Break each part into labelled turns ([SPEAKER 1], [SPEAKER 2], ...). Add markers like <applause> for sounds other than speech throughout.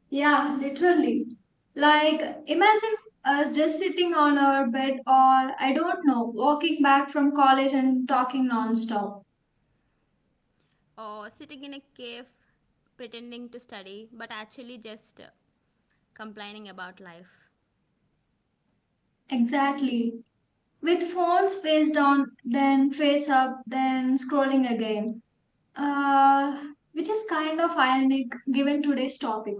[SPEAKER 1] Yeah, literally. Like, imagine us just sitting on our bed or, I don't know, walking back from college and talking non-stop.
[SPEAKER 2] Or sitting in a cave pretending to study but actually just complaining about life.
[SPEAKER 1] Exactly. With phones face down, then face up, then scrolling again. Uh, which is kind of ironic given today's topic.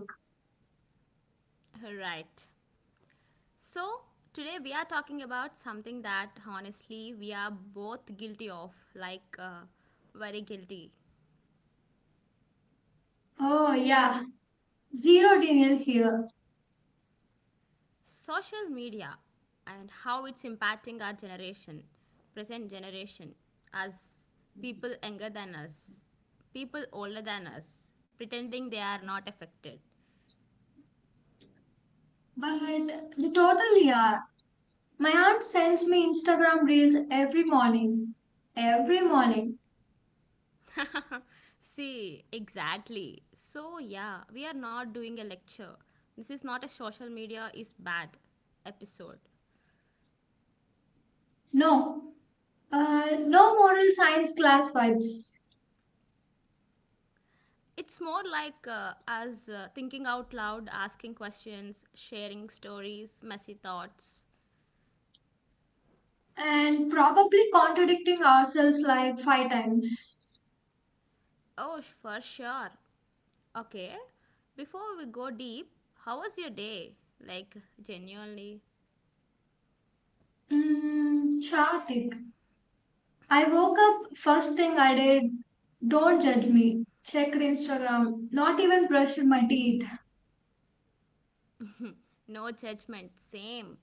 [SPEAKER 2] Right. So, today we are talking about something that honestly we are both guilty of, like very guilty
[SPEAKER 1] Oh, yeah. Zero denial here,
[SPEAKER 2] social media and how it's impacting our generation, present generation, as people younger than us, people older than us, pretending they are not affected.
[SPEAKER 1] but they totally are. My aunt sends me Instagram reels every morning. Every morning.
[SPEAKER 2] <laughs> See, exactly. So, yeah, we are not doing a lecture. This is not a social media is bad episode.
[SPEAKER 1] No, no moral science class vibes.
[SPEAKER 2] It's more like us thinking out loud, asking questions, sharing stories, messy thoughts.
[SPEAKER 1] And probably contradicting ourselves like five times.
[SPEAKER 2] For sure. Okay, before we go deep, how was your day? Like, genuinely.
[SPEAKER 1] Mm, Chartik. I woke up, first thing I did, don't judge me. Checked Instagram, not even brushed my teeth.
[SPEAKER 2] No judgment, same.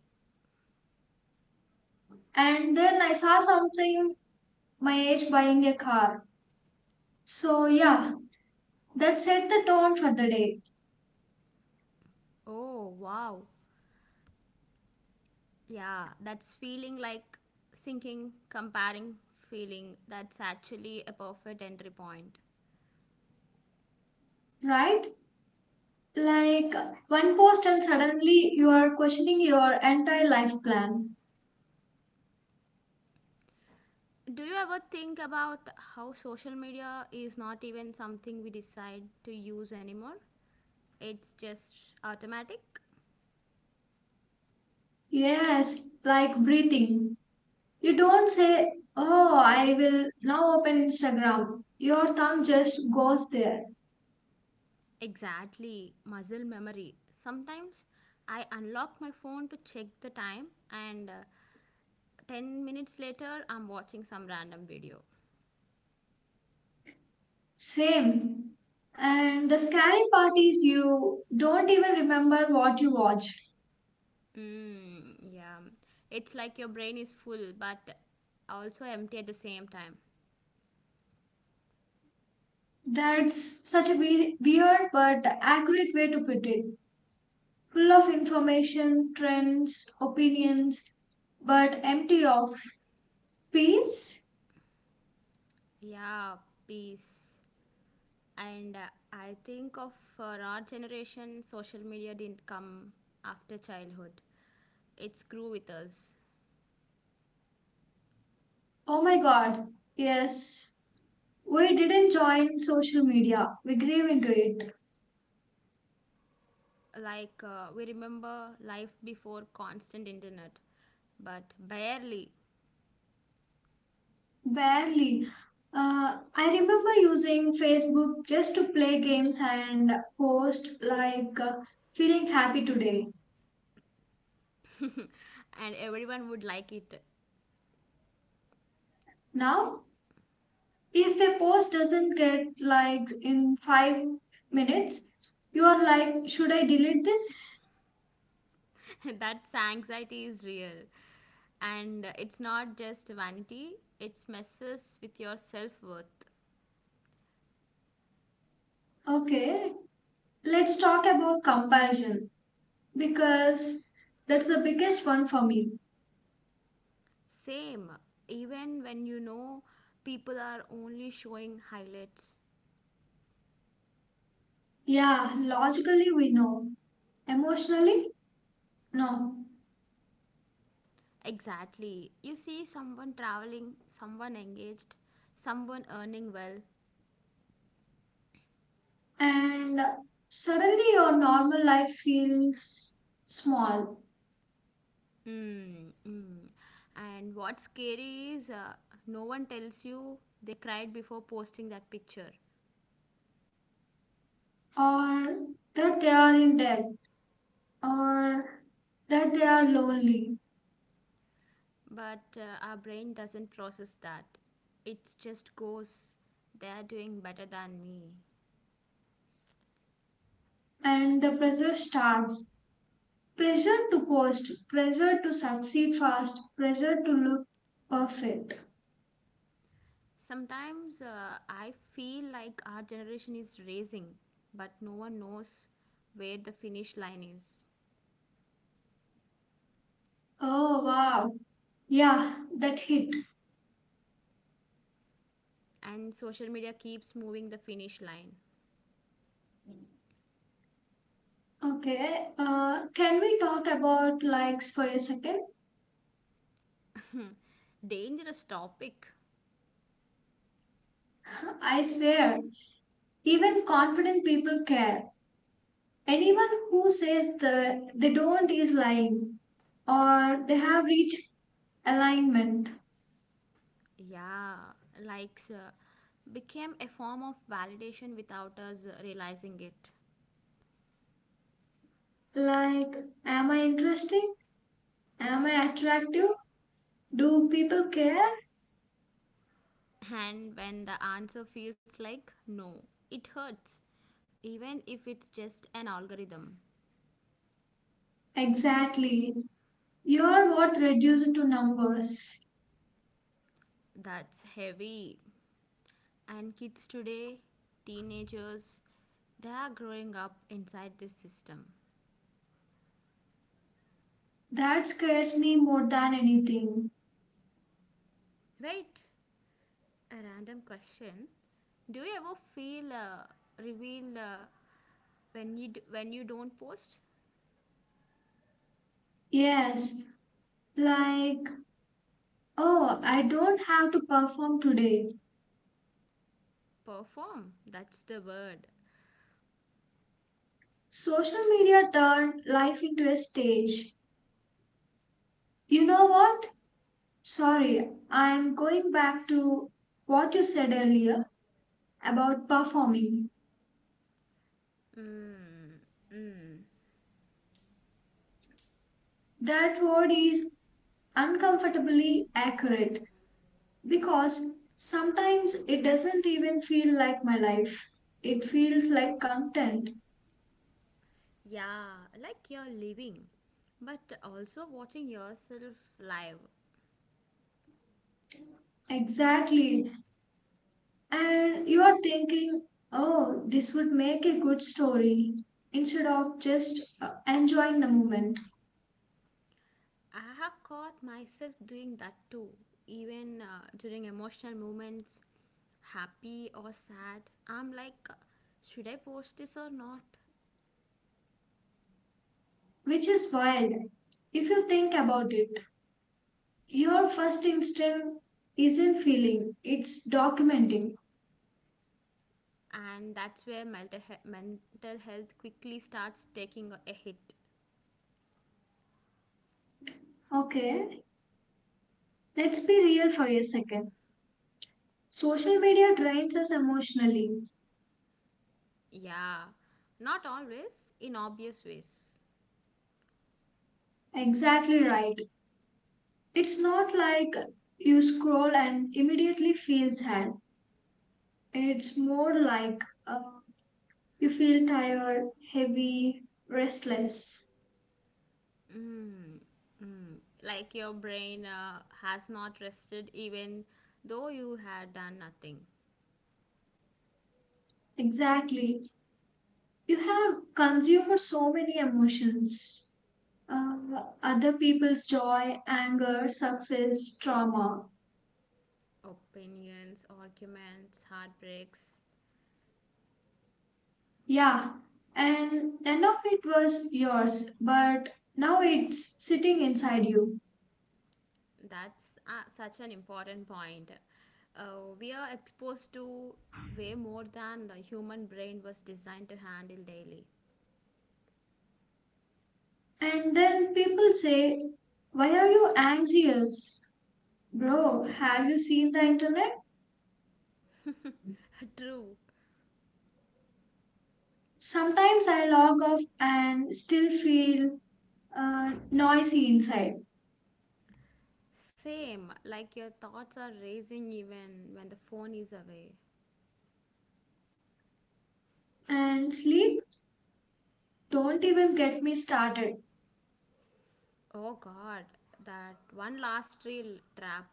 [SPEAKER 1] And then I saw something, my age buying a car. So, yeah, that set the tone for the day,
[SPEAKER 2] Oh, wow. Yeah, that's feeling like sinking, comparing feeling. That's actually a perfect entry point.
[SPEAKER 1] right? Like one post, and suddenly you are questioning your entire life plan.
[SPEAKER 2] Do you ever think about how social media is not even something we decide to use anymore? It's just automatic.
[SPEAKER 1] Yes, like breathing. You don't say, oh, I will now open Instagram. Your thumb just goes there.
[SPEAKER 2] Exactly, muscle memory. Sometimes I unlock my phone to check the time, and 10 minutes later, I'm watching some random video.
[SPEAKER 1] Same. And the scary part is you don't even remember what you watched.
[SPEAKER 2] Mm, yeah, it's like your brain is full but also empty at the same time.
[SPEAKER 1] That's such a weird but accurate way to put it. Full of information, trends, opinions, but empty of peace?
[SPEAKER 2] Yeah, peace. And I think of for our generation, social media didn't come after childhood. It grew with us.
[SPEAKER 1] Oh my god, yes. We didn't join social media, we grew into it.
[SPEAKER 2] Like we remember life before constant internet, but barely.
[SPEAKER 1] Barely. I remember using Facebook just to play games and post, feeling happy today.
[SPEAKER 2] And everyone would like it.
[SPEAKER 1] Now, if a post doesn't get likes in 5 minutes, you are like, should I delete this?
[SPEAKER 2] <laughs> That anxiety is real. And it's not just vanity, it messes with your self worth.
[SPEAKER 1] Okay, let's talk about comparison because that's the biggest one for me.
[SPEAKER 2] Same, even when you know people are only showing highlights.
[SPEAKER 1] Yeah, logically we know, emotionally, no.
[SPEAKER 2] Exactly. You see someone traveling, someone engaged, someone earning well.
[SPEAKER 1] And suddenly your normal life feels small,
[SPEAKER 2] Mm, mm. And what's scary is no one tells you they cried before posting that picture.
[SPEAKER 1] or that they are in debt, or that they are lonely,
[SPEAKER 2] But our brain doesn't process that. It just goes, they're doing better than me.
[SPEAKER 1] and the pressure starts. Pressure to post, pressure to succeed fast, pressure to look perfect.
[SPEAKER 2] Sometimes I feel like our generation is racing, but no one knows where the finish line is.
[SPEAKER 1] Oh wow, yeah, that hit.
[SPEAKER 2] And social media keeps moving the finish line.
[SPEAKER 1] Okay, can we talk about likes for a second?
[SPEAKER 2] Dangerous topic.
[SPEAKER 1] <laughs> I swear, even confident people care. Anyone who says they don't is lying or they have reached alignment.
[SPEAKER 2] Yeah, likes became a form of validation without us realizing it.
[SPEAKER 1] Like, am I interesting? Am I attractive? Do people care?
[SPEAKER 2] And when the answer feels like no, it hurts, even if it's just an algorithm.
[SPEAKER 1] Exactly. Your worth reduced to numbers.
[SPEAKER 2] That's heavy. And kids today, teenagers, they are growing up inside this system.
[SPEAKER 1] That scares me more than anything.
[SPEAKER 2] Wait, a random question. Do you ever feel revealed when you don't post?
[SPEAKER 1] Yes, like oh, I don't have to perform today.
[SPEAKER 2] Perform. That's the word.
[SPEAKER 1] Social media turned life into a stage. You know what? Sorry, I'm going back to what you said earlier about performing.
[SPEAKER 2] Mm, mm.
[SPEAKER 1] That word is uncomfortably accurate because sometimes it doesn't even feel like my life. It feels like content.
[SPEAKER 2] Yeah, like you're living, but also watching yourself live.
[SPEAKER 1] Exactly. And you are thinking, oh, this would make a good story instead of just enjoying the moment,
[SPEAKER 2] I have caught myself doing that too, even during emotional moments, happy or sad. I'm like, should I post this or not?
[SPEAKER 1] which is wild. If you think about it, your first instinct isn't feeling, it's documenting.
[SPEAKER 2] And that's where mental health quickly starts taking a hit.
[SPEAKER 1] Okay, let's be real for a second. Social media drains us emotionally.
[SPEAKER 2] Yeah, not always, in obvious ways.
[SPEAKER 1] Exactly right. It's not like you scroll and immediately feel sad. It's more like uh, you feel tired, heavy, restless.
[SPEAKER 2] Mm, mm. Like your brain has not rested even though you had done nothing.
[SPEAKER 1] Exactly. You have consumed so many emotions, other people's joy, anger, success, trauma.
[SPEAKER 2] Opinions, arguments, heartbreaks.
[SPEAKER 1] Yeah. And none of it was yours, but now it's sitting inside you.
[SPEAKER 2] That's such an important point. We are exposed to way more than the human brain was designed to handle daily.
[SPEAKER 1] And then people say, why are you anxious? Bro, have you seen the internet?
[SPEAKER 2] <laughs> True.
[SPEAKER 1] Sometimes I log off and still feel noisy inside.
[SPEAKER 2] Same, like your thoughts are racing even when the phone is away.
[SPEAKER 1] And sleep, don't even get me started,
[SPEAKER 2] Oh god, that one last reel trap.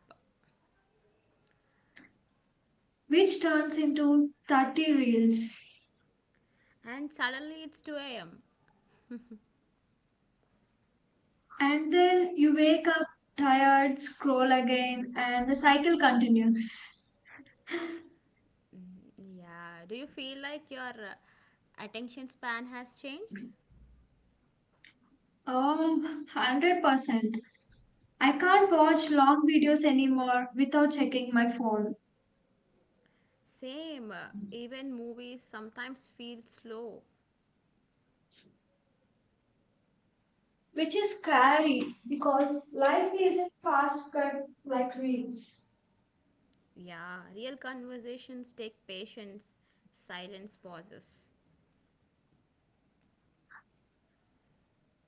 [SPEAKER 1] which turns into 30 reels.
[SPEAKER 2] And suddenly it's 2 am.
[SPEAKER 1] And then you wake up tired, scroll again, and the cycle continues.
[SPEAKER 2] Yeah, do you feel like your attention span has changed?
[SPEAKER 1] Oh, 100%. I can't watch long videos anymore without checking my phone,
[SPEAKER 2] Same, even movies sometimes feel slow.
[SPEAKER 1] which is scary because life isn't fast cut like reels,
[SPEAKER 2] Yeah, real conversations take patience, silence, pauses.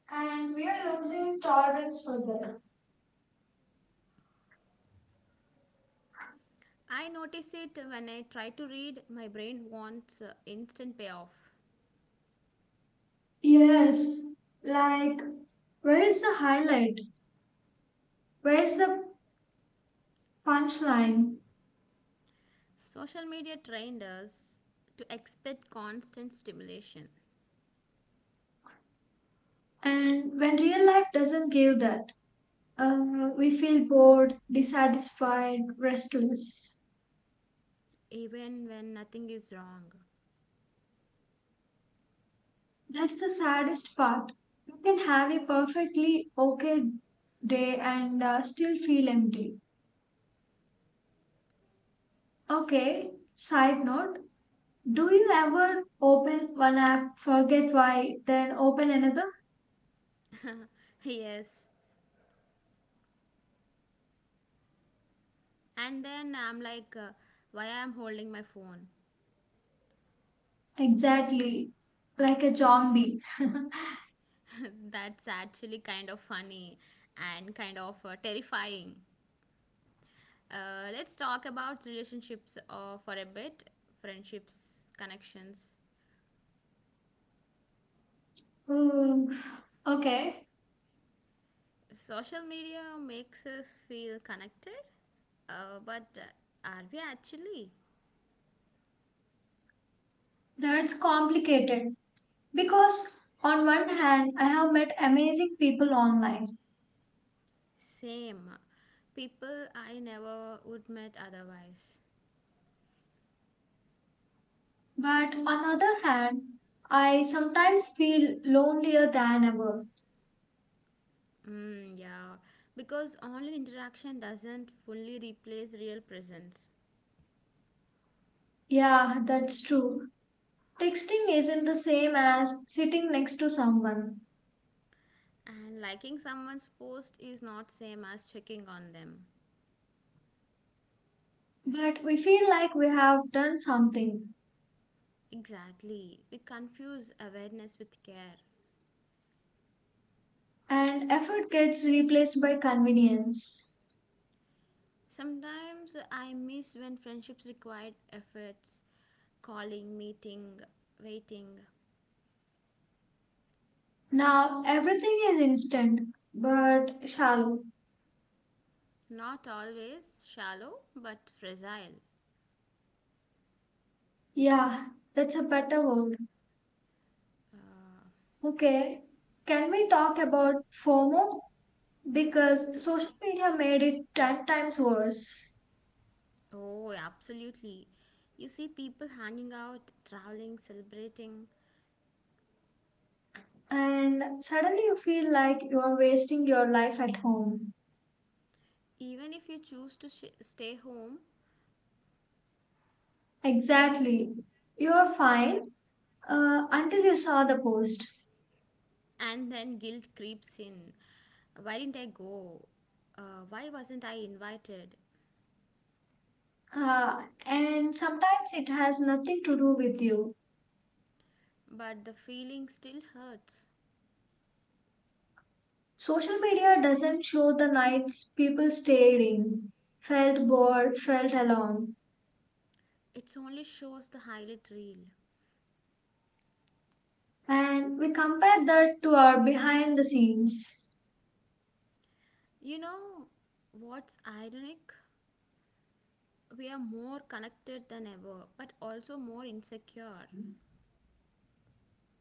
[SPEAKER 1] and we are losing tolerance for that.
[SPEAKER 2] I notice it when I try to read, my brain wants instant payoff.
[SPEAKER 1] Yes, like where is the highlight? Where's the punchline?
[SPEAKER 2] Social media trained us to expect constant stimulation,
[SPEAKER 1] And when real life doesn't give that, we feel bored, dissatisfied, restless.
[SPEAKER 2] even when nothing is wrong.
[SPEAKER 1] That's the saddest part. You can have a perfectly okay day and still feel empty. Okay, side note, do you ever open one app, forget why, then open another?
[SPEAKER 2] <laughs> Yes. And then I'm like, why I'm holding my phone?
[SPEAKER 1] Exactly, like a zombie. <laughs>
[SPEAKER 2] <laughs> That's actually kind of funny and kind of terrifying. Let's talk about relationships for a bit, friendships, connections.
[SPEAKER 1] Hmm. Okay,
[SPEAKER 2] Social media makes us feel connected, but are we actually?
[SPEAKER 1] that's complicated because on one hand, I have met amazing people online,
[SPEAKER 2] Same. People I never would met otherwise.
[SPEAKER 1] but on other hand, I sometimes feel lonelier than ever.
[SPEAKER 2] Mm, yeah. Because online interaction doesn't fully replace real presence.
[SPEAKER 1] Yeah, that's true. Texting isn't the same as sitting next to someone,
[SPEAKER 2] And liking someone's post is not same as checking on them.
[SPEAKER 1] but we feel like we have done something,
[SPEAKER 2] Exactly. We confuse awareness with care.
[SPEAKER 1] and effort gets replaced by convenience.
[SPEAKER 2] Sometimes I miss when friendships required efforts, calling, meeting, waiting.
[SPEAKER 1] Now, everything is instant but shallow.
[SPEAKER 2] Not always shallow, but fragile.
[SPEAKER 1] Yeah, that's a better word.
[SPEAKER 2] Uh,
[SPEAKER 1] Okay, can we talk about FOMO? Because social media made it 10 times worse.
[SPEAKER 2] Oh, absolutely. You see people hanging out, traveling, celebrating.
[SPEAKER 1] And suddenly you feel like you're wasting your life at home.
[SPEAKER 2] Even if you choose to stay home,
[SPEAKER 1] Exactly. You're fine until you saw the post.
[SPEAKER 2] and then guilt creeps in. Why didn't I go? Why wasn't I invited?
[SPEAKER 1] And sometimes it has nothing to do with you.
[SPEAKER 2] But the feeling still hurts.
[SPEAKER 1] Social media doesn't show the nights people stayed in, felt bored, felt alone.
[SPEAKER 2] It only shows the highlight reel.
[SPEAKER 1] And we compare that to our behind the scenes.
[SPEAKER 2] You know what's ironic? We are more connected than ever, but also more insecure.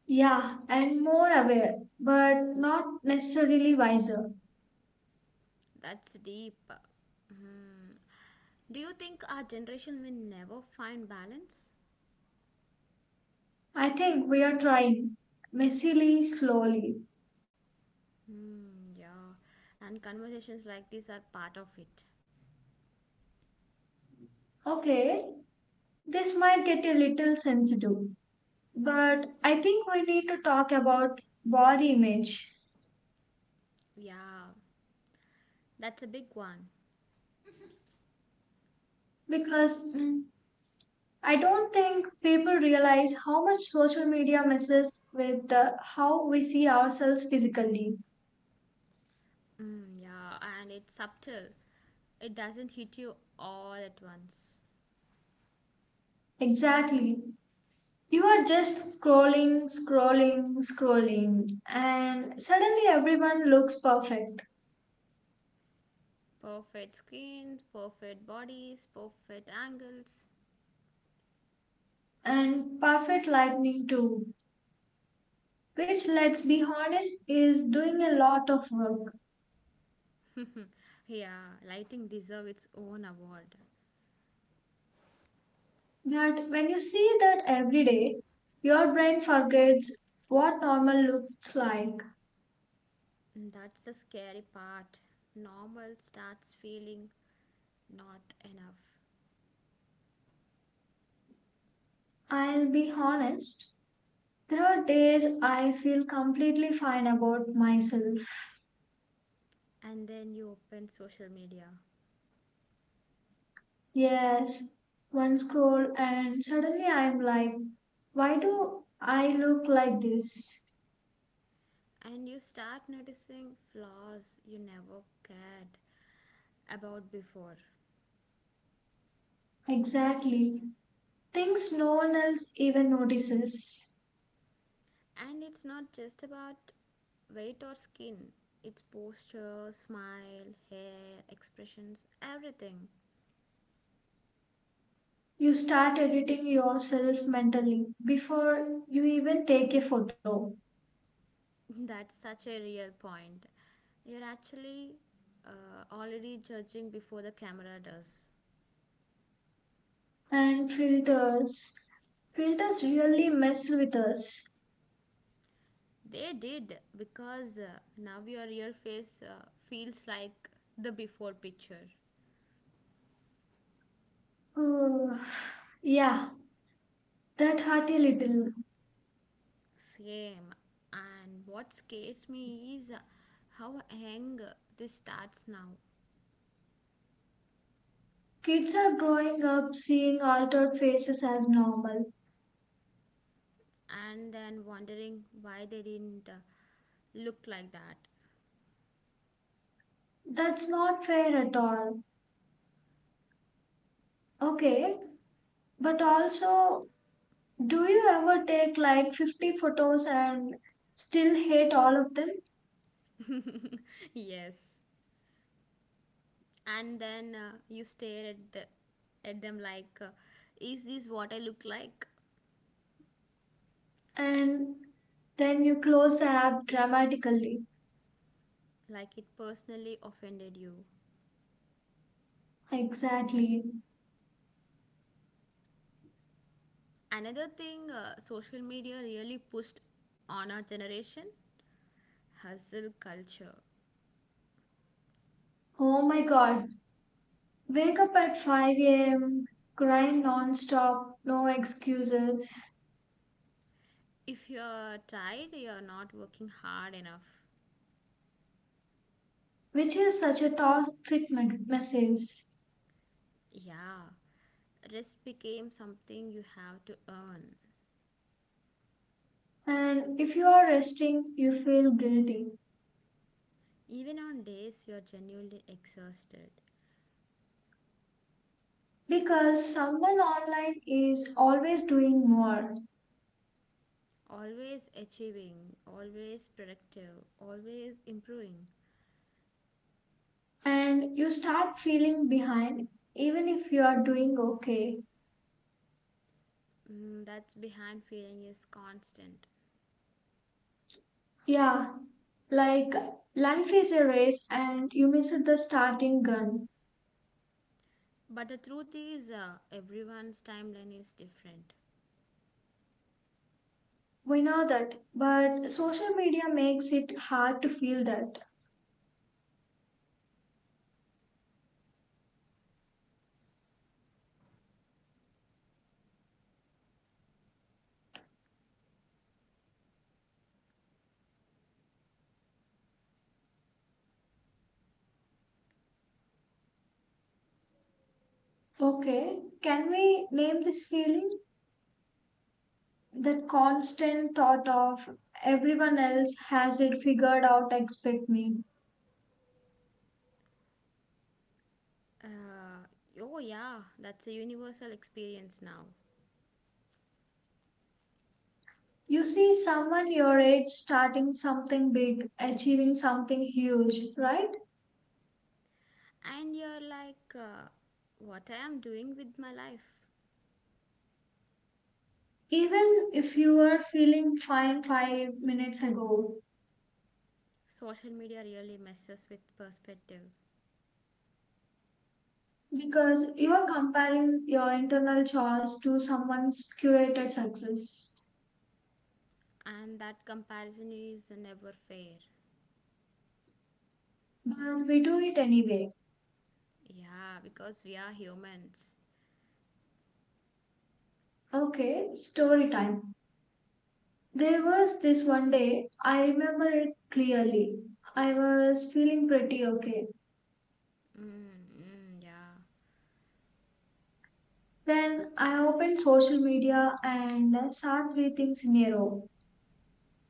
[SPEAKER 1] Yeah, and more aware, but not necessarily wiser.
[SPEAKER 2] That's deep. Hmm. Do you think our generation will never find balance?
[SPEAKER 1] I think we are trying, messily, slowly.
[SPEAKER 2] Hmm, yeah. And conversations like this are part of it.
[SPEAKER 1] Okay, this might get a little sensitive, but I think we need to talk about body image
[SPEAKER 2] Yeah, that's a big one.
[SPEAKER 1] because mm, I don't think people realize how much social media messes with how we see ourselves physically.
[SPEAKER 2] Mm, yeah, and it's subtle. It doesn't hit you all at once.
[SPEAKER 1] Exactly. You are just scrolling, scrolling, scrolling, and suddenly everyone looks perfect.
[SPEAKER 2] Perfect screens, perfect bodies, perfect angles.
[SPEAKER 1] And perfect lightning, too, which, let's be honest, is doing a lot of work.
[SPEAKER 2] <laughs> Yeah, lighting deserve its own award.
[SPEAKER 1] But when you see that every day, your brain forgets what normal looks like.
[SPEAKER 2] Mm, that's the scary part. Normal starts feeling not enough.
[SPEAKER 1] I'll be honest, there are days I feel completely fine about myself.
[SPEAKER 2] And then you open social media
[SPEAKER 1] Yes, one scroll, and suddenly I'm like, why do I look like this?
[SPEAKER 2] and you start noticing flaws you never cared about before,
[SPEAKER 1] Exactly. Things no one else even notices.
[SPEAKER 2] and it's not just about weight or skin, it's posture, smile, hair, expressions, everything.
[SPEAKER 1] You start editing yourself mentally before you even take a photo.
[SPEAKER 2] <laughs> That's such a real point, you're actually already judging before the camera does.
[SPEAKER 1] And filters. Filters really mess with us.
[SPEAKER 2] They did because now your real face feels like the before picture.
[SPEAKER 1] Ugh, yeah, that hurt a little.
[SPEAKER 2] Same. And what scares me is how young this starts now,
[SPEAKER 1] Kids are growing up seeing altered faces as normal.
[SPEAKER 2] and then wondering why they didn't look like that.
[SPEAKER 1] That's not fair at all. Okay, but also, do you ever take like 50 photos and still hate all of them?
[SPEAKER 2] <laughs> Yes. And then you stare at, at them like, is this what I look like?
[SPEAKER 1] And then you close the app dramatically.
[SPEAKER 2] Like it personally offended you.
[SPEAKER 1] Exactly.
[SPEAKER 2] Another thing social media really pushed on our generation hustle culture.
[SPEAKER 1] Oh my god. Wake up at 5 a.m., grind non-stop, no excuses,
[SPEAKER 2] If you're tired, you're not working hard enough.
[SPEAKER 1] which is such a toxic message.
[SPEAKER 2] Yeah, rest became something you have to earn.
[SPEAKER 1] And if you are resting, you feel guilty.
[SPEAKER 2] Even on days you're genuinely exhausted,
[SPEAKER 1] Because someone online is always doing more,
[SPEAKER 2] always achieving, always productive, always improving.
[SPEAKER 1] and you start feeling behind even if you are doing okay.
[SPEAKER 2] Mm, that's behind feeling is constant.
[SPEAKER 1] Yeah, like life is a race and you miss the starting gun.
[SPEAKER 2] But the truth is, everyone's timeline is different.
[SPEAKER 1] We know that, but social media makes it hard to feel that. Okay, can we name this feeling, that constant thought of everyone else has it figured out expect me?
[SPEAKER 2] Uh, oh, yeah, that's a universal experience now.
[SPEAKER 1] You see someone your age starting something big, achieving something huge, right?
[SPEAKER 2] And you're like what I am doing with my life.
[SPEAKER 1] Even if you were feeling fine 5 minutes ago,
[SPEAKER 2] Social media really messes with perspective,
[SPEAKER 1] because you are comparing your internal choice to someone's curated success.
[SPEAKER 2] and that comparison is never fair.
[SPEAKER 1] But we do it anyway.
[SPEAKER 2] Yeah, because we are humans.
[SPEAKER 1] Okay, story time. There was this one day, I remember it clearly. I was feeling pretty okay.
[SPEAKER 2] Mm, mm, yeah.
[SPEAKER 1] Then I opened social media and saw three things in a row.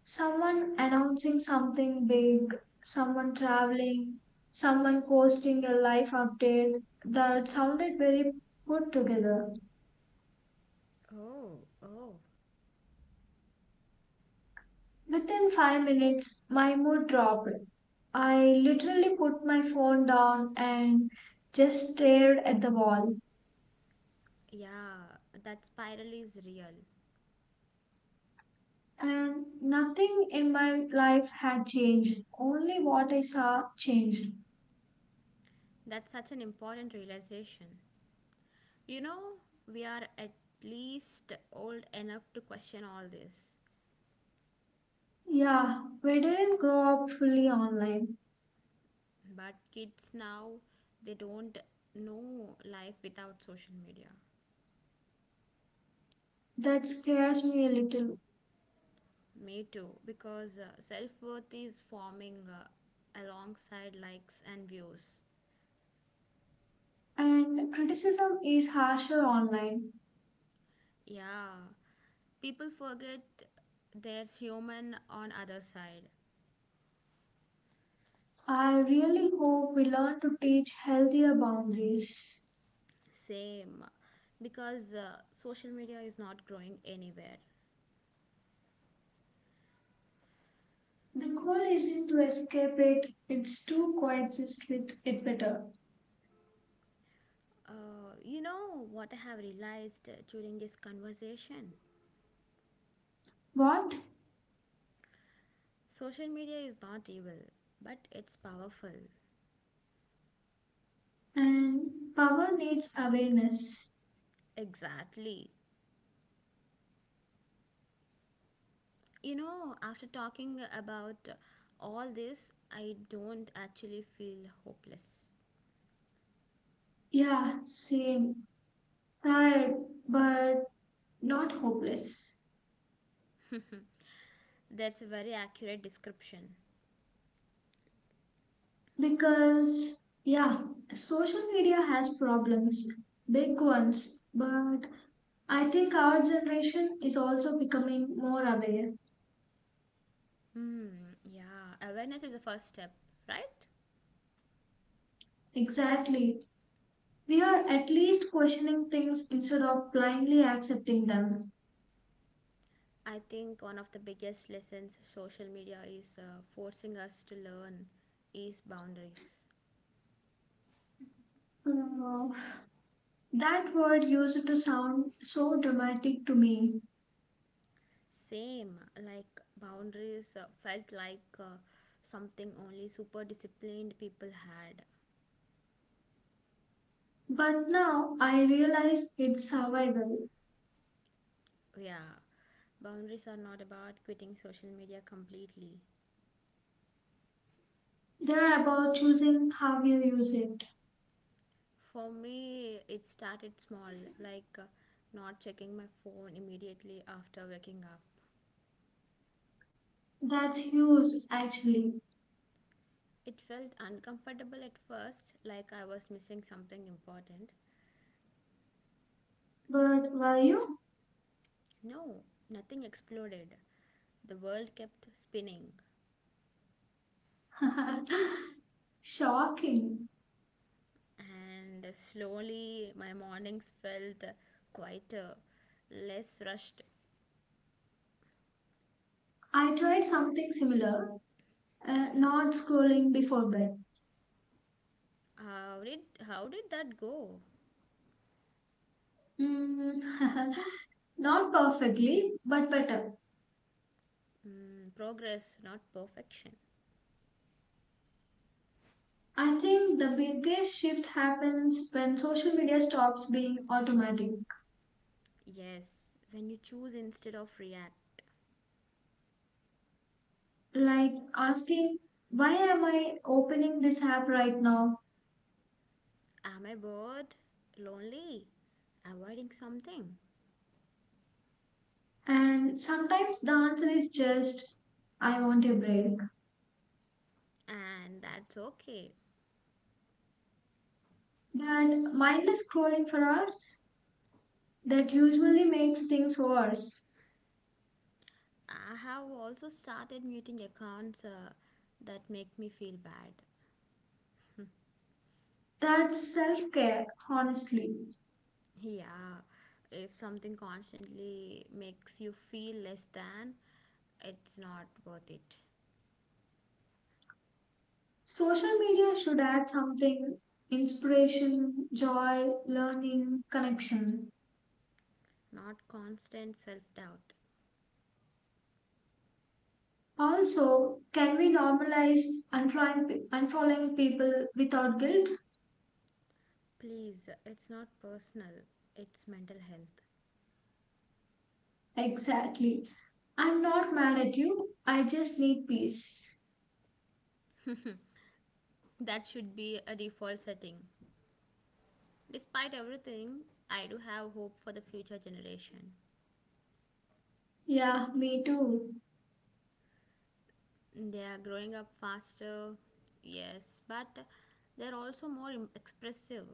[SPEAKER 1] Someone announcing something big, someone traveling, someone posting a life update that sounded very put together.
[SPEAKER 2] Oh, oh,
[SPEAKER 1] Within 5 minutes, my mood dropped. I literally put my phone down and just stared at the wall.
[SPEAKER 2] yeah, that spiral is real.
[SPEAKER 1] And nothing in my life had changed, only what I saw changed.
[SPEAKER 2] That's such an important realization. You know, we are at least old enough to question all this.
[SPEAKER 1] Yeah, we didn't grow up fully online.
[SPEAKER 2] But kids now, they don't know life without social media.
[SPEAKER 1] That scares me a little.
[SPEAKER 2] Me too, because self worth is forming alongside likes and views.
[SPEAKER 1] And criticism is harsher online.
[SPEAKER 2] Yeah, people forget there's human on other side.
[SPEAKER 1] I really hope we learn to teach healthier boundaries.
[SPEAKER 2] Same, because social media is not growing anywhere.
[SPEAKER 1] The goal isn't to escape it, it's to coexist with it better.
[SPEAKER 2] You know what I have realized during this conversation?
[SPEAKER 1] What?
[SPEAKER 2] Social media is not evil, but it's powerful.
[SPEAKER 1] And power needs awareness.
[SPEAKER 2] Exactly. You know, after talking about all this, I don't actually feel hopeless.
[SPEAKER 1] Yeah, same. Tired, but not hopeless.
[SPEAKER 2] That's a very accurate description.
[SPEAKER 1] Because, yeah, social media has problems, big ones, but I think our generation is also becoming more aware.
[SPEAKER 2] Hmm, yeah. Awareness is the first step, right?
[SPEAKER 1] Exactly. We are at least questioning things instead of blindly accepting them.
[SPEAKER 2] I think one of the biggest lessons social media is forcing us to learn is boundaries.
[SPEAKER 1] Hmm, that word used to sound so dramatic to me,
[SPEAKER 2] Same, like boundaries felt like something only super disciplined people had.
[SPEAKER 1] but now I realize it's survival.
[SPEAKER 2] Yeah, boundaries are not about quitting social media completely.
[SPEAKER 1] They are about choosing how you use it.
[SPEAKER 2] For me, it started small, like not checking my phone immediately after waking up.
[SPEAKER 1] That's huge, actually.
[SPEAKER 2] It felt uncomfortable at first, like I was missing something important.
[SPEAKER 1] But were you?
[SPEAKER 2] No, nothing exploded. The world kept spinning,
[SPEAKER 1] <laughs> Shocking.
[SPEAKER 2] and slowly my mornings felt quieter, less rushed.
[SPEAKER 1] I tried something similar, not scrolling before bed.
[SPEAKER 2] How did how did that go?
[SPEAKER 1] Mm, <laughs> not perfectly, but better.
[SPEAKER 2] Mm, progress, not perfection.
[SPEAKER 1] I think the biggest shift happens when social media stops being automatic.
[SPEAKER 2] Yes, when you choose instead of react.
[SPEAKER 1] Like asking, why am I opening this app right now?
[SPEAKER 2] Am I bored? Lonely? Avoiding something?
[SPEAKER 1] And sometimes the answer is just, I want a break.
[SPEAKER 2] And that's okay.
[SPEAKER 1] That mindless scrolling for us, that usually makes things worse.
[SPEAKER 2] I have also started muting accounts that make me feel bad.
[SPEAKER 1] That's self care, honestly.
[SPEAKER 2] Yeah, if something constantly makes you feel less than, it's not worth it.
[SPEAKER 1] Social media should add something, inspiration, joy, learning, connection.
[SPEAKER 2] Not constant self doubt.
[SPEAKER 1] Also, can we normalize unfollowing people without guilt?
[SPEAKER 2] Please, it's not personal, it's mental health.
[SPEAKER 1] Exactly. I'm not mad at you. I just need peace.
[SPEAKER 2] That should be a default setting. Despite everything, I do have hope for the future generation.
[SPEAKER 1] Yeah, me too.
[SPEAKER 2] They are growing up faster, yes, but they're also expressive,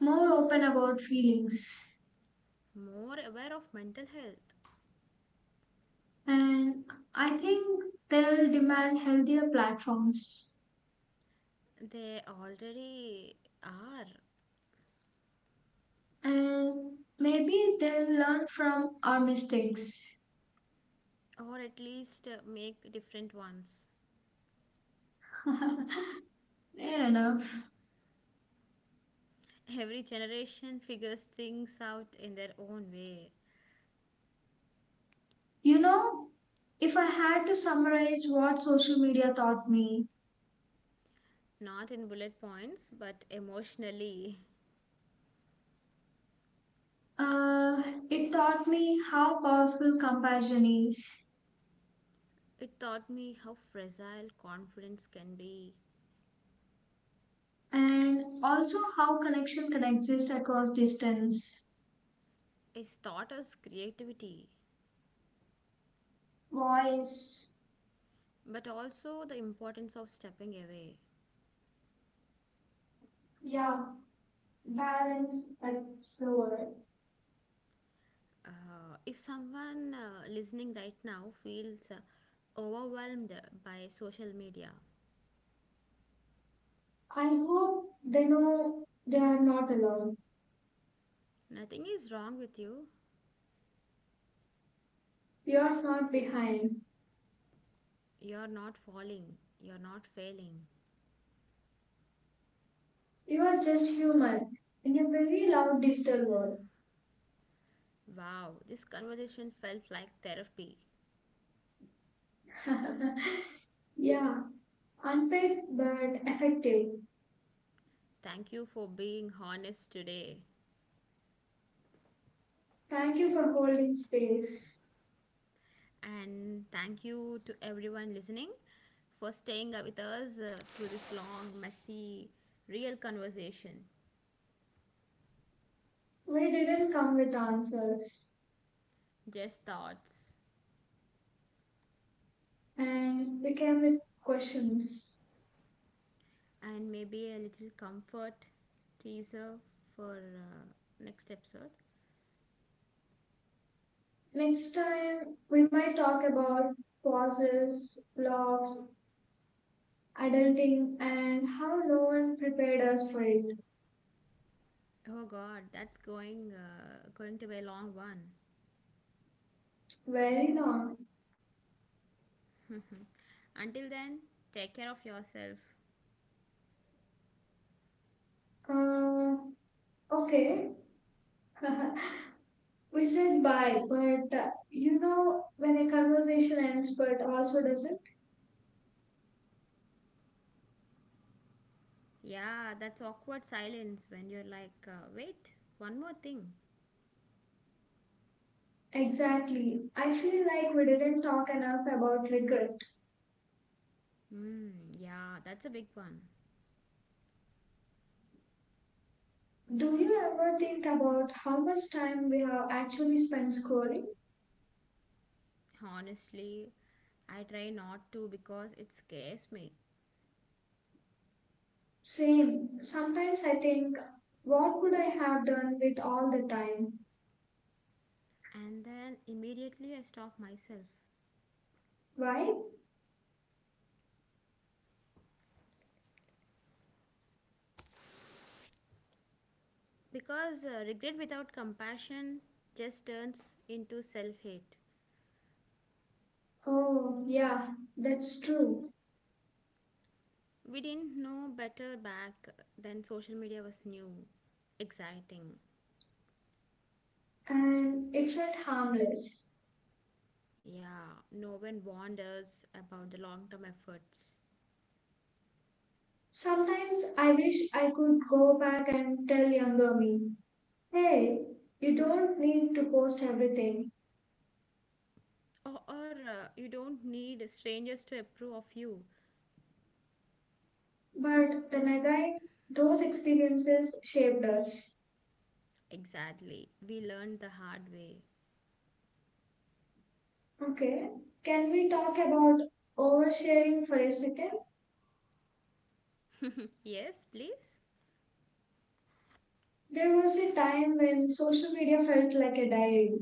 [SPEAKER 1] More open about feelings.
[SPEAKER 2] more aware of mental health.
[SPEAKER 1] And I think they'll demand healthier platforms.
[SPEAKER 2] They already are,
[SPEAKER 1] And maybe they'll learn from our mistakes.
[SPEAKER 2] or at least make different ones.
[SPEAKER 1] <laughs> Fair enough.
[SPEAKER 2] Every generation figures things out in their own way,
[SPEAKER 1] You know, if I had to summarize what social media taught me,
[SPEAKER 2] not in bullet points, but emotionally.
[SPEAKER 1] uh, it taught me how powerful comparison is
[SPEAKER 2] It taught me how fragile confidence can be.
[SPEAKER 1] and also how connection can exist across distance.
[SPEAKER 2] It taught us creativity,
[SPEAKER 1] Voice,
[SPEAKER 2] but also the importance of stepping away.
[SPEAKER 1] yeah, balance, that's the word.
[SPEAKER 2] If someone listening right now feels overwhelmed by social media,
[SPEAKER 1] I hope they know they are not alone.
[SPEAKER 2] nothing is wrong with you.
[SPEAKER 1] You are not behind.
[SPEAKER 2] You're not falling, you're not failing.
[SPEAKER 1] You are just human in a very loud digital
[SPEAKER 2] Wow, this conversation felt like therapy.
[SPEAKER 1] world. <laughs> yeah. Unpaid but effective.
[SPEAKER 2] Thank you for being honest today.
[SPEAKER 1] Thank you for holding space.
[SPEAKER 2] And thank you to everyone listening for staying up with us through this long, messy, real conversation.
[SPEAKER 1] We didn't come with answers,
[SPEAKER 2] Just thoughts
[SPEAKER 1] and we came with questions.
[SPEAKER 2] and maybe a little comfort teaser for next episode.
[SPEAKER 1] Next time, we might talk about pauses, loves, adulting, and how no one prepared us for it.
[SPEAKER 2] Oh God, that's going to be a long one.
[SPEAKER 1] Very not.
[SPEAKER 2] <laughs> Until then, take care of yourself.
[SPEAKER 1] Uh, okay. <laughs> We said bye, but you know when a conversation ends but also doesn't?
[SPEAKER 2] Yeah, that's awkward silence when you're like, wait, one more thing.
[SPEAKER 1] Exactly. I feel like we didn't talk enough about regret.
[SPEAKER 2] Mm, yeah, that's a big one.
[SPEAKER 1] Do you ever think about how much time we have actually spent scrolling?
[SPEAKER 2] Honestly, I try not to because it scares me.
[SPEAKER 1] Same. Sometimes I think, what would I have done with all the time?
[SPEAKER 2] And then immediately I stop myself.
[SPEAKER 1] Why?
[SPEAKER 2] Because regret without compassion just turns into self hate.
[SPEAKER 1] Oh, yeah, that's true.
[SPEAKER 2] We didn't know better back then, social media was new, exciting.
[SPEAKER 1] And it felt harmless.
[SPEAKER 2] Yeah, no one warned us about the long term efforts.
[SPEAKER 1] Sometimes I wish I could go back and tell younger me, hey, you don't need to post everything.
[SPEAKER 2] Or you don't need strangers to approve of you.
[SPEAKER 1] But the Nagai, those experiences shaped us.
[SPEAKER 2] Exactly. We learned the hard way.
[SPEAKER 1] Okay, can we talk about oversharing for a second?
[SPEAKER 2] <laughs> Yes, please.
[SPEAKER 1] There was a time when social media felt like a diary.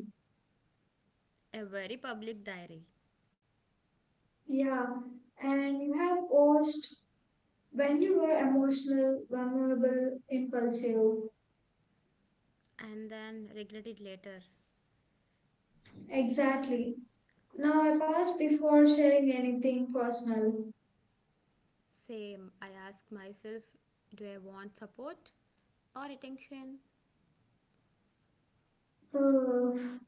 [SPEAKER 2] A very public diary
[SPEAKER 1] Yeah, and you have posted when you were emotional, vulnerable, impulsive.
[SPEAKER 2] and then regret it later.
[SPEAKER 1] Exactly. Now I pause before sharing anything personal.
[SPEAKER 2] Same, I ask myself do I want support or attention?
[SPEAKER 1] Ugh,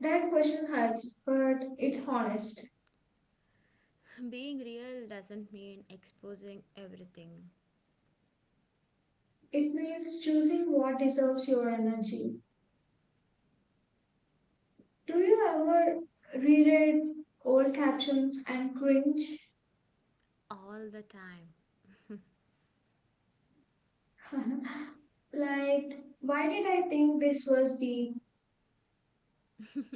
[SPEAKER 1] that question hurts, but it's honest.
[SPEAKER 2] <laughs> Being real doesn't mean exposing everything
[SPEAKER 1] It means choosing what deserves your energy. Do you ever reread old captions and cringe?
[SPEAKER 2] all the time.
[SPEAKER 1] <laughs> Like, why did I think this was deep?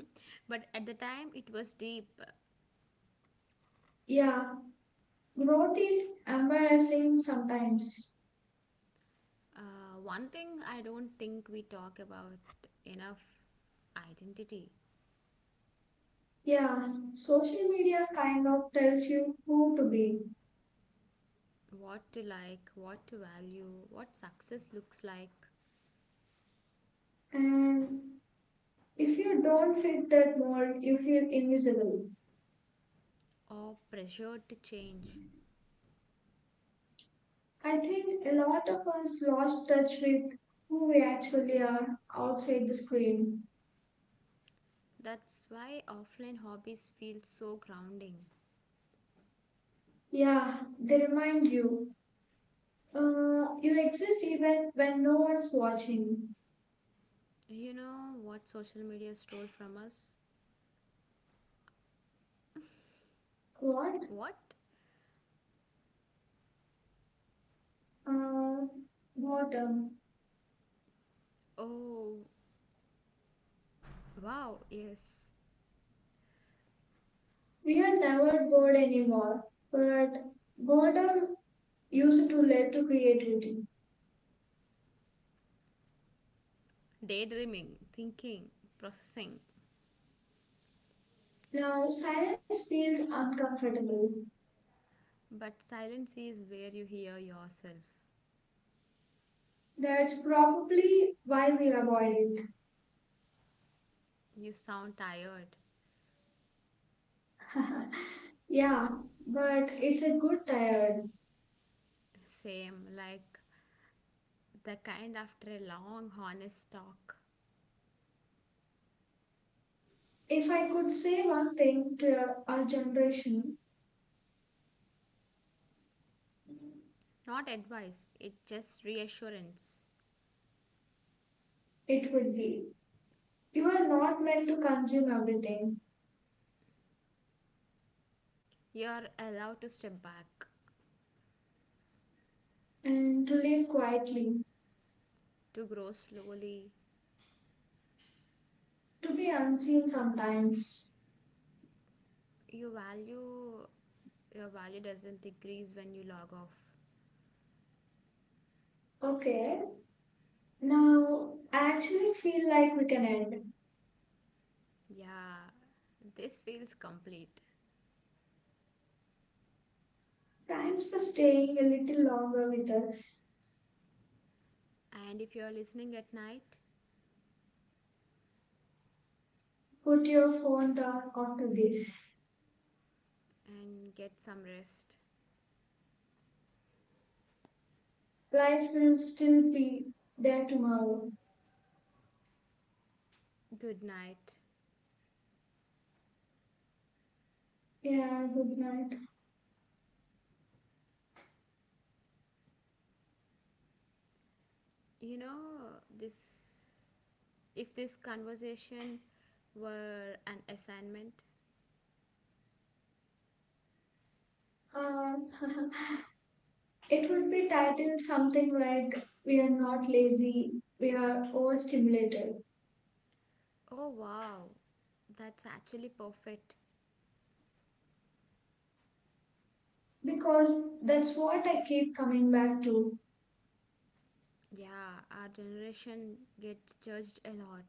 [SPEAKER 2] <laughs> But at the time, it was deep.
[SPEAKER 1] Yeah, growth is embarrassing sometimes.
[SPEAKER 2] One thing I don't think we talk about enough identity,
[SPEAKER 1] Yeah, social media kind of tells you who to be.
[SPEAKER 2] what to like, what to value, what success looks like,
[SPEAKER 1] And if you don't fit that mold, you feel invisible.
[SPEAKER 2] or pressure to change.
[SPEAKER 1] I think a lot of us lost touch with who we actually are outside the screen.
[SPEAKER 2] That's why offline hobbies feel so grounding.
[SPEAKER 1] Yeah, they remind you. You exist even when no one's watching.
[SPEAKER 2] You know what social media stole from us?
[SPEAKER 1] What?
[SPEAKER 2] What?
[SPEAKER 1] Uh, Boredom.
[SPEAKER 2] Oh, wow, yes.
[SPEAKER 1] We are never bored anymore, but boredom used to lead to creativity.
[SPEAKER 2] Daydreaming, thinking, processing.
[SPEAKER 1] Now, silence feels uncomfortable.
[SPEAKER 2] But silence is where you hear yourself.
[SPEAKER 1] That's probably why we avoid
[SPEAKER 2] You sound tired.
[SPEAKER 1] it. <laughs> Yeah, but it's a good tired.
[SPEAKER 2] Same, like the kind after a long, honest talk.
[SPEAKER 1] If I could say one thing to our generation,
[SPEAKER 2] Not advice, it's just reassurance.
[SPEAKER 1] it would be you are not meant to consume everything
[SPEAKER 2] You're allowed to step back,
[SPEAKER 1] and to live quietly,
[SPEAKER 2] to grow slowly.
[SPEAKER 1] to be unseen sometimes.
[SPEAKER 2] Your value your value doesn't decrease when you log off.
[SPEAKER 1] Okay, now I actually feel like we can end.
[SPEAKER 2] Yeah, this feels complete.
[SPEAKER 1] Thanks for staying a little longer with us.
[SPEAKER 2] And if you're listening at night
[SPEAKER 1] Put your phone down after this.
[SPEAKER 2] and get some rest,
[SPEAKER 1] Life will still be there tomorrow.
[SPEAKER 2] good night.
[SPEAKER 1] Yeah, good night.
[SPEAKER 2] You know, this if this conversation were an assignment,
[SPEAKER 1] Uh, <laughs> It would be titled something like We Are Not Lazy, We Are Overstimulated,
[SPEAKER 2] oh wow, that's actually perfect.
[SPEAKER 1] because that's what I keep coming back to
[SPEAKER 2] Yeah, our generation gets judged a lot,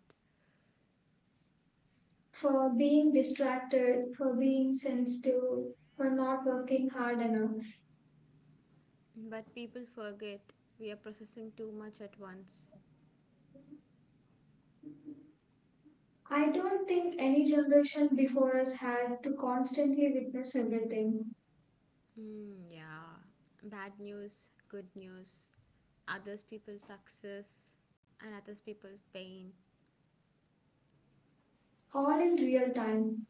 [SPEAKER 1] for being distracted, for being sensitive, for not working hard enough.
[SPEAKER 2] but people forget we are processing too much at once.
[SPEAKER 1] I don't think any generation before us had to constantly witness everything,
[SPEAKER 2] Mm, yeah. Bad news, good news, others people's success, and others people's pain.
[SPEAKER 1] all in real time.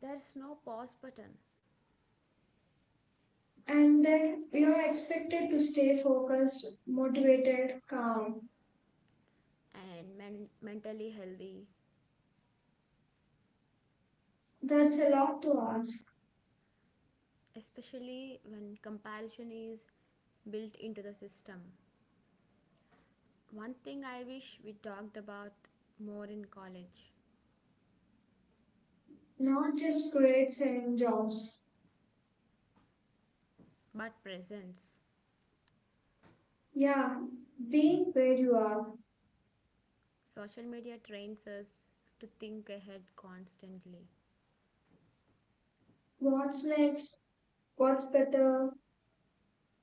[SPEAKER 2] There's no pause button.
[SPEAKER 1] And then we are expected to stay focused, motivated, calm.
[SPEAKER 2] And mentally healthy,
[SPEAKER 1] That's a lot to ask.
[SPEAKER 2] especially when comparison is built into the system. One thing I wish we talked about more in college,
[SPEAKER 1] Not just grades and jobs.
[SPEAKER 2] but presence.
[SPEAKER 1] Yeah, being where you are.
[SPEAKER 2] Social media trains us to think ahead constantly
[SPEAKER 1] What's next? What's better?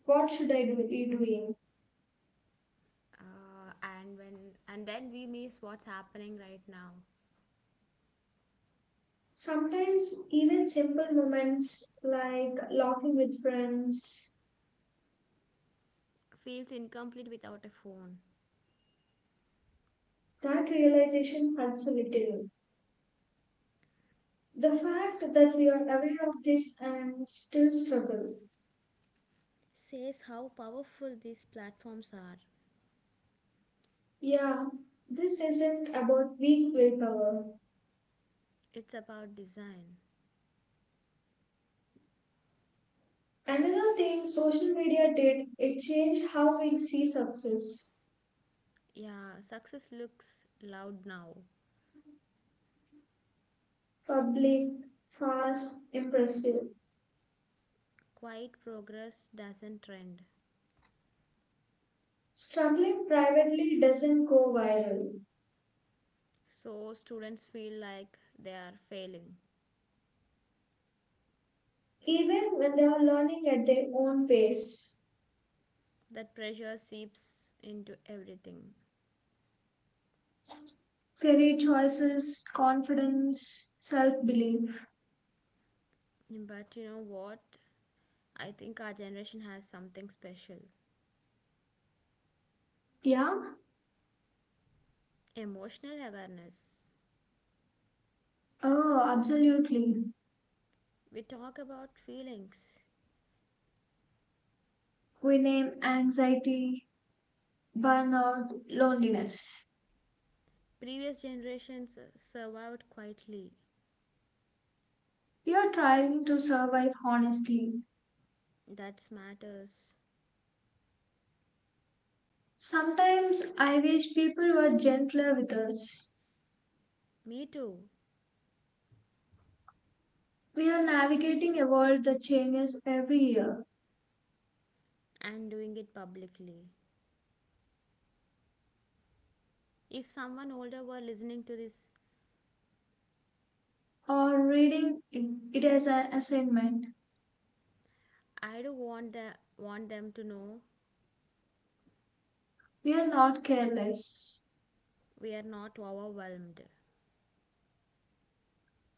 [SPEAKER 1] What should I do, be doing?
[SPEAKER 2] uh, and when and then we miss what's happening right now,
[SPEAKER 1] Sometimes even simple moments like laughing with friends,
[SPEAKER 2] feels incomplete without a phone.
[SPEAKER 1] that realization hurts a little. The fact that we are aware of this and still struggle.
[SPEAKER 2] Says how powerful these platforms are.
[SPEAKER 1] Yeah, this isn't about weak willpower.
[SPEAKER 2] It's about design.
[SPEAKER 1] Another thing social media did, it changed how we see success.
[SPEAKER 2] Yeah, success looks loud now.
[SPEAKER 1] Public, fast, impressive.
[SPEAKER 2] Quiet progress doesn't trend.
[SPEAKER 1] Struggling privately doesn't go viral,
[SPEAKER 2] So students feel like they are failing.
[SPEAKER 1] even when they are learning at their own pace.
[SPEAKER 2] That pressure seeps into everything.
[SPEAKER 1] Career choices, confidence, self belief.
[SPEAKER 2] But you know what? I think our generation has something special,
[SPEAKER 1] Yeah?
[SPEAKER 2] emotional awareness.
[SPEAKER 1] Oh, absolutely.
[SPEAKER 2] We talk about feelings.
[SPEAKER 1] We name anxiety, burnout, loneliness.
[SPEAKER 2] Previous generations survived quietly.
[SPEAKER 1] We are trying to survive honestly.
[SPEAKER 2] That matters.
[SPEAKER 1] Sometimes I wish people were gentler with us.
[SPEAKER 2] Me too.
[SPEAKER 1] We are navigating a world that changes every year.
[SPEAKER 2] And doing it publicly. If someone older were listening to this,
[SPEAKER 1] Or reading it as an assignment.
[SPEAKER 2] I do want want them to know
[SPEAKER 1] We are not careless.
[SPEAKER 2] we are not overwhelmed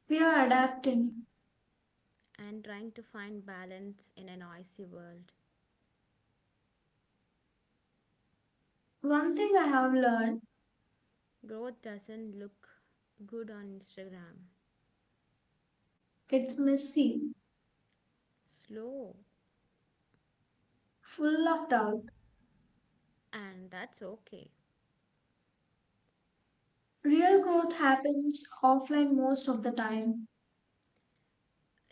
[SPEAKER 1] We are adapting.
[SPEAKER 2] and trying to find balance in a noisy world.
[SPEAKER 1] One thing I have learned,
[SPEAKER 2] Growth doesn't look good on Instagram.
[SPEAKER 1] it's messy,
[SPEAKER 2] Slow.
[SPEAKER 1] full of doubt.
[SPEAKER 2] And that's okay.
[SPEAKER 1] Real growth happens offline most of the time,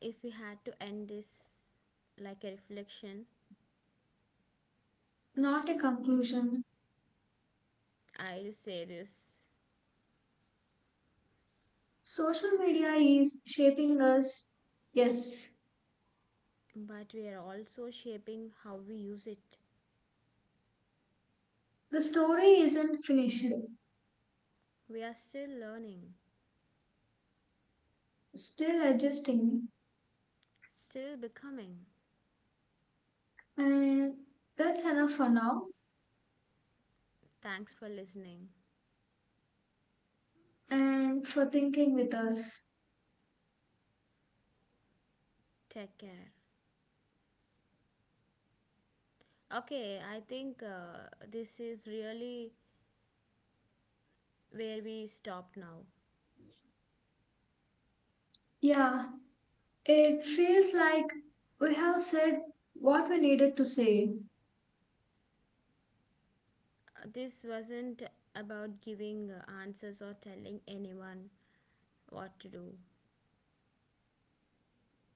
[SPEAKER 2] If we had to end this like a reflection,
[SPEAKER 1] not a conclusion.
[SPEAKER 2] I do say this.
[SPEAKER 1] Social media is shaping us. Yes,
[SPEAKER 2] But we are also shaping how we use it.
[SPEAKER 1] the story isn't finished,
[SPEAKER 2] We are still learning,
[SPEAKER 1] still adjusting.
[SPEAKER 2] still becoming.
[SPEAKER 1] And that's enough for now
[SPEAKER 2] Thanks for listening.
[SPEAKER 1] and for thinking with us.
[SPEAKER 2] Take care. Okay, I think this is really where we stop now.
[SPEAKER 1] Yeah, it feels like we have said what we needed to say.
[SPEAKER 2] This wasn't about giving answers or telling anyone what to do.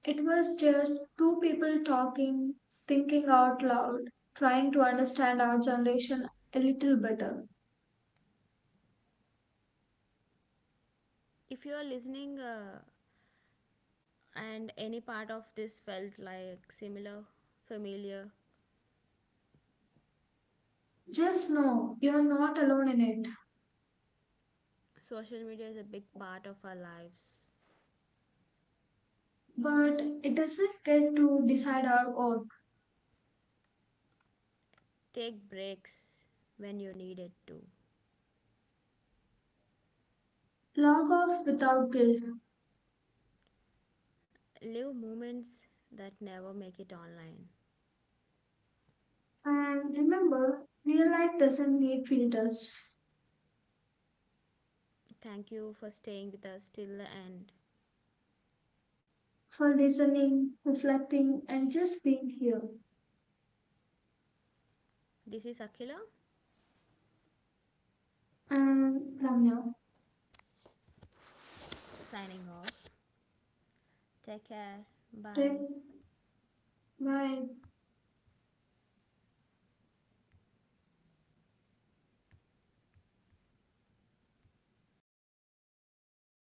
[SPEAKER 1] It was just two people talking, thinking out loud, trying to understand our generation a little better.
[SPEAKER 2] If you are listening and any part of this felt like similar, familiar,
[SPEAKER 1] Just know you're not alone in it,
[SPEAKER 2] social media is a big part of our lives.
[SPEAKER 1] but it doesn't get to decide our own.
[SPEAKER 2] Take breaks when you need it too.
[SPEAKER 1] Log off without guilt.
[SPEAKER 2] Live moments that never make it online.
[SPEAKER 1] And remember, real life doesn't need filters
[SPEAKER 2] Thank you for staying with us till the end.
[SPEAKER 1] for listening, reflecting, and just being here.
[SPEAKER 2] This is Akhila
[SPEAKER 1] And Ramya,
[SPEAKER 2] signing off. Take care.
[SPEAKER 1] take
[SPEAKER 2] Bye.
[SPEAKER 1] bye.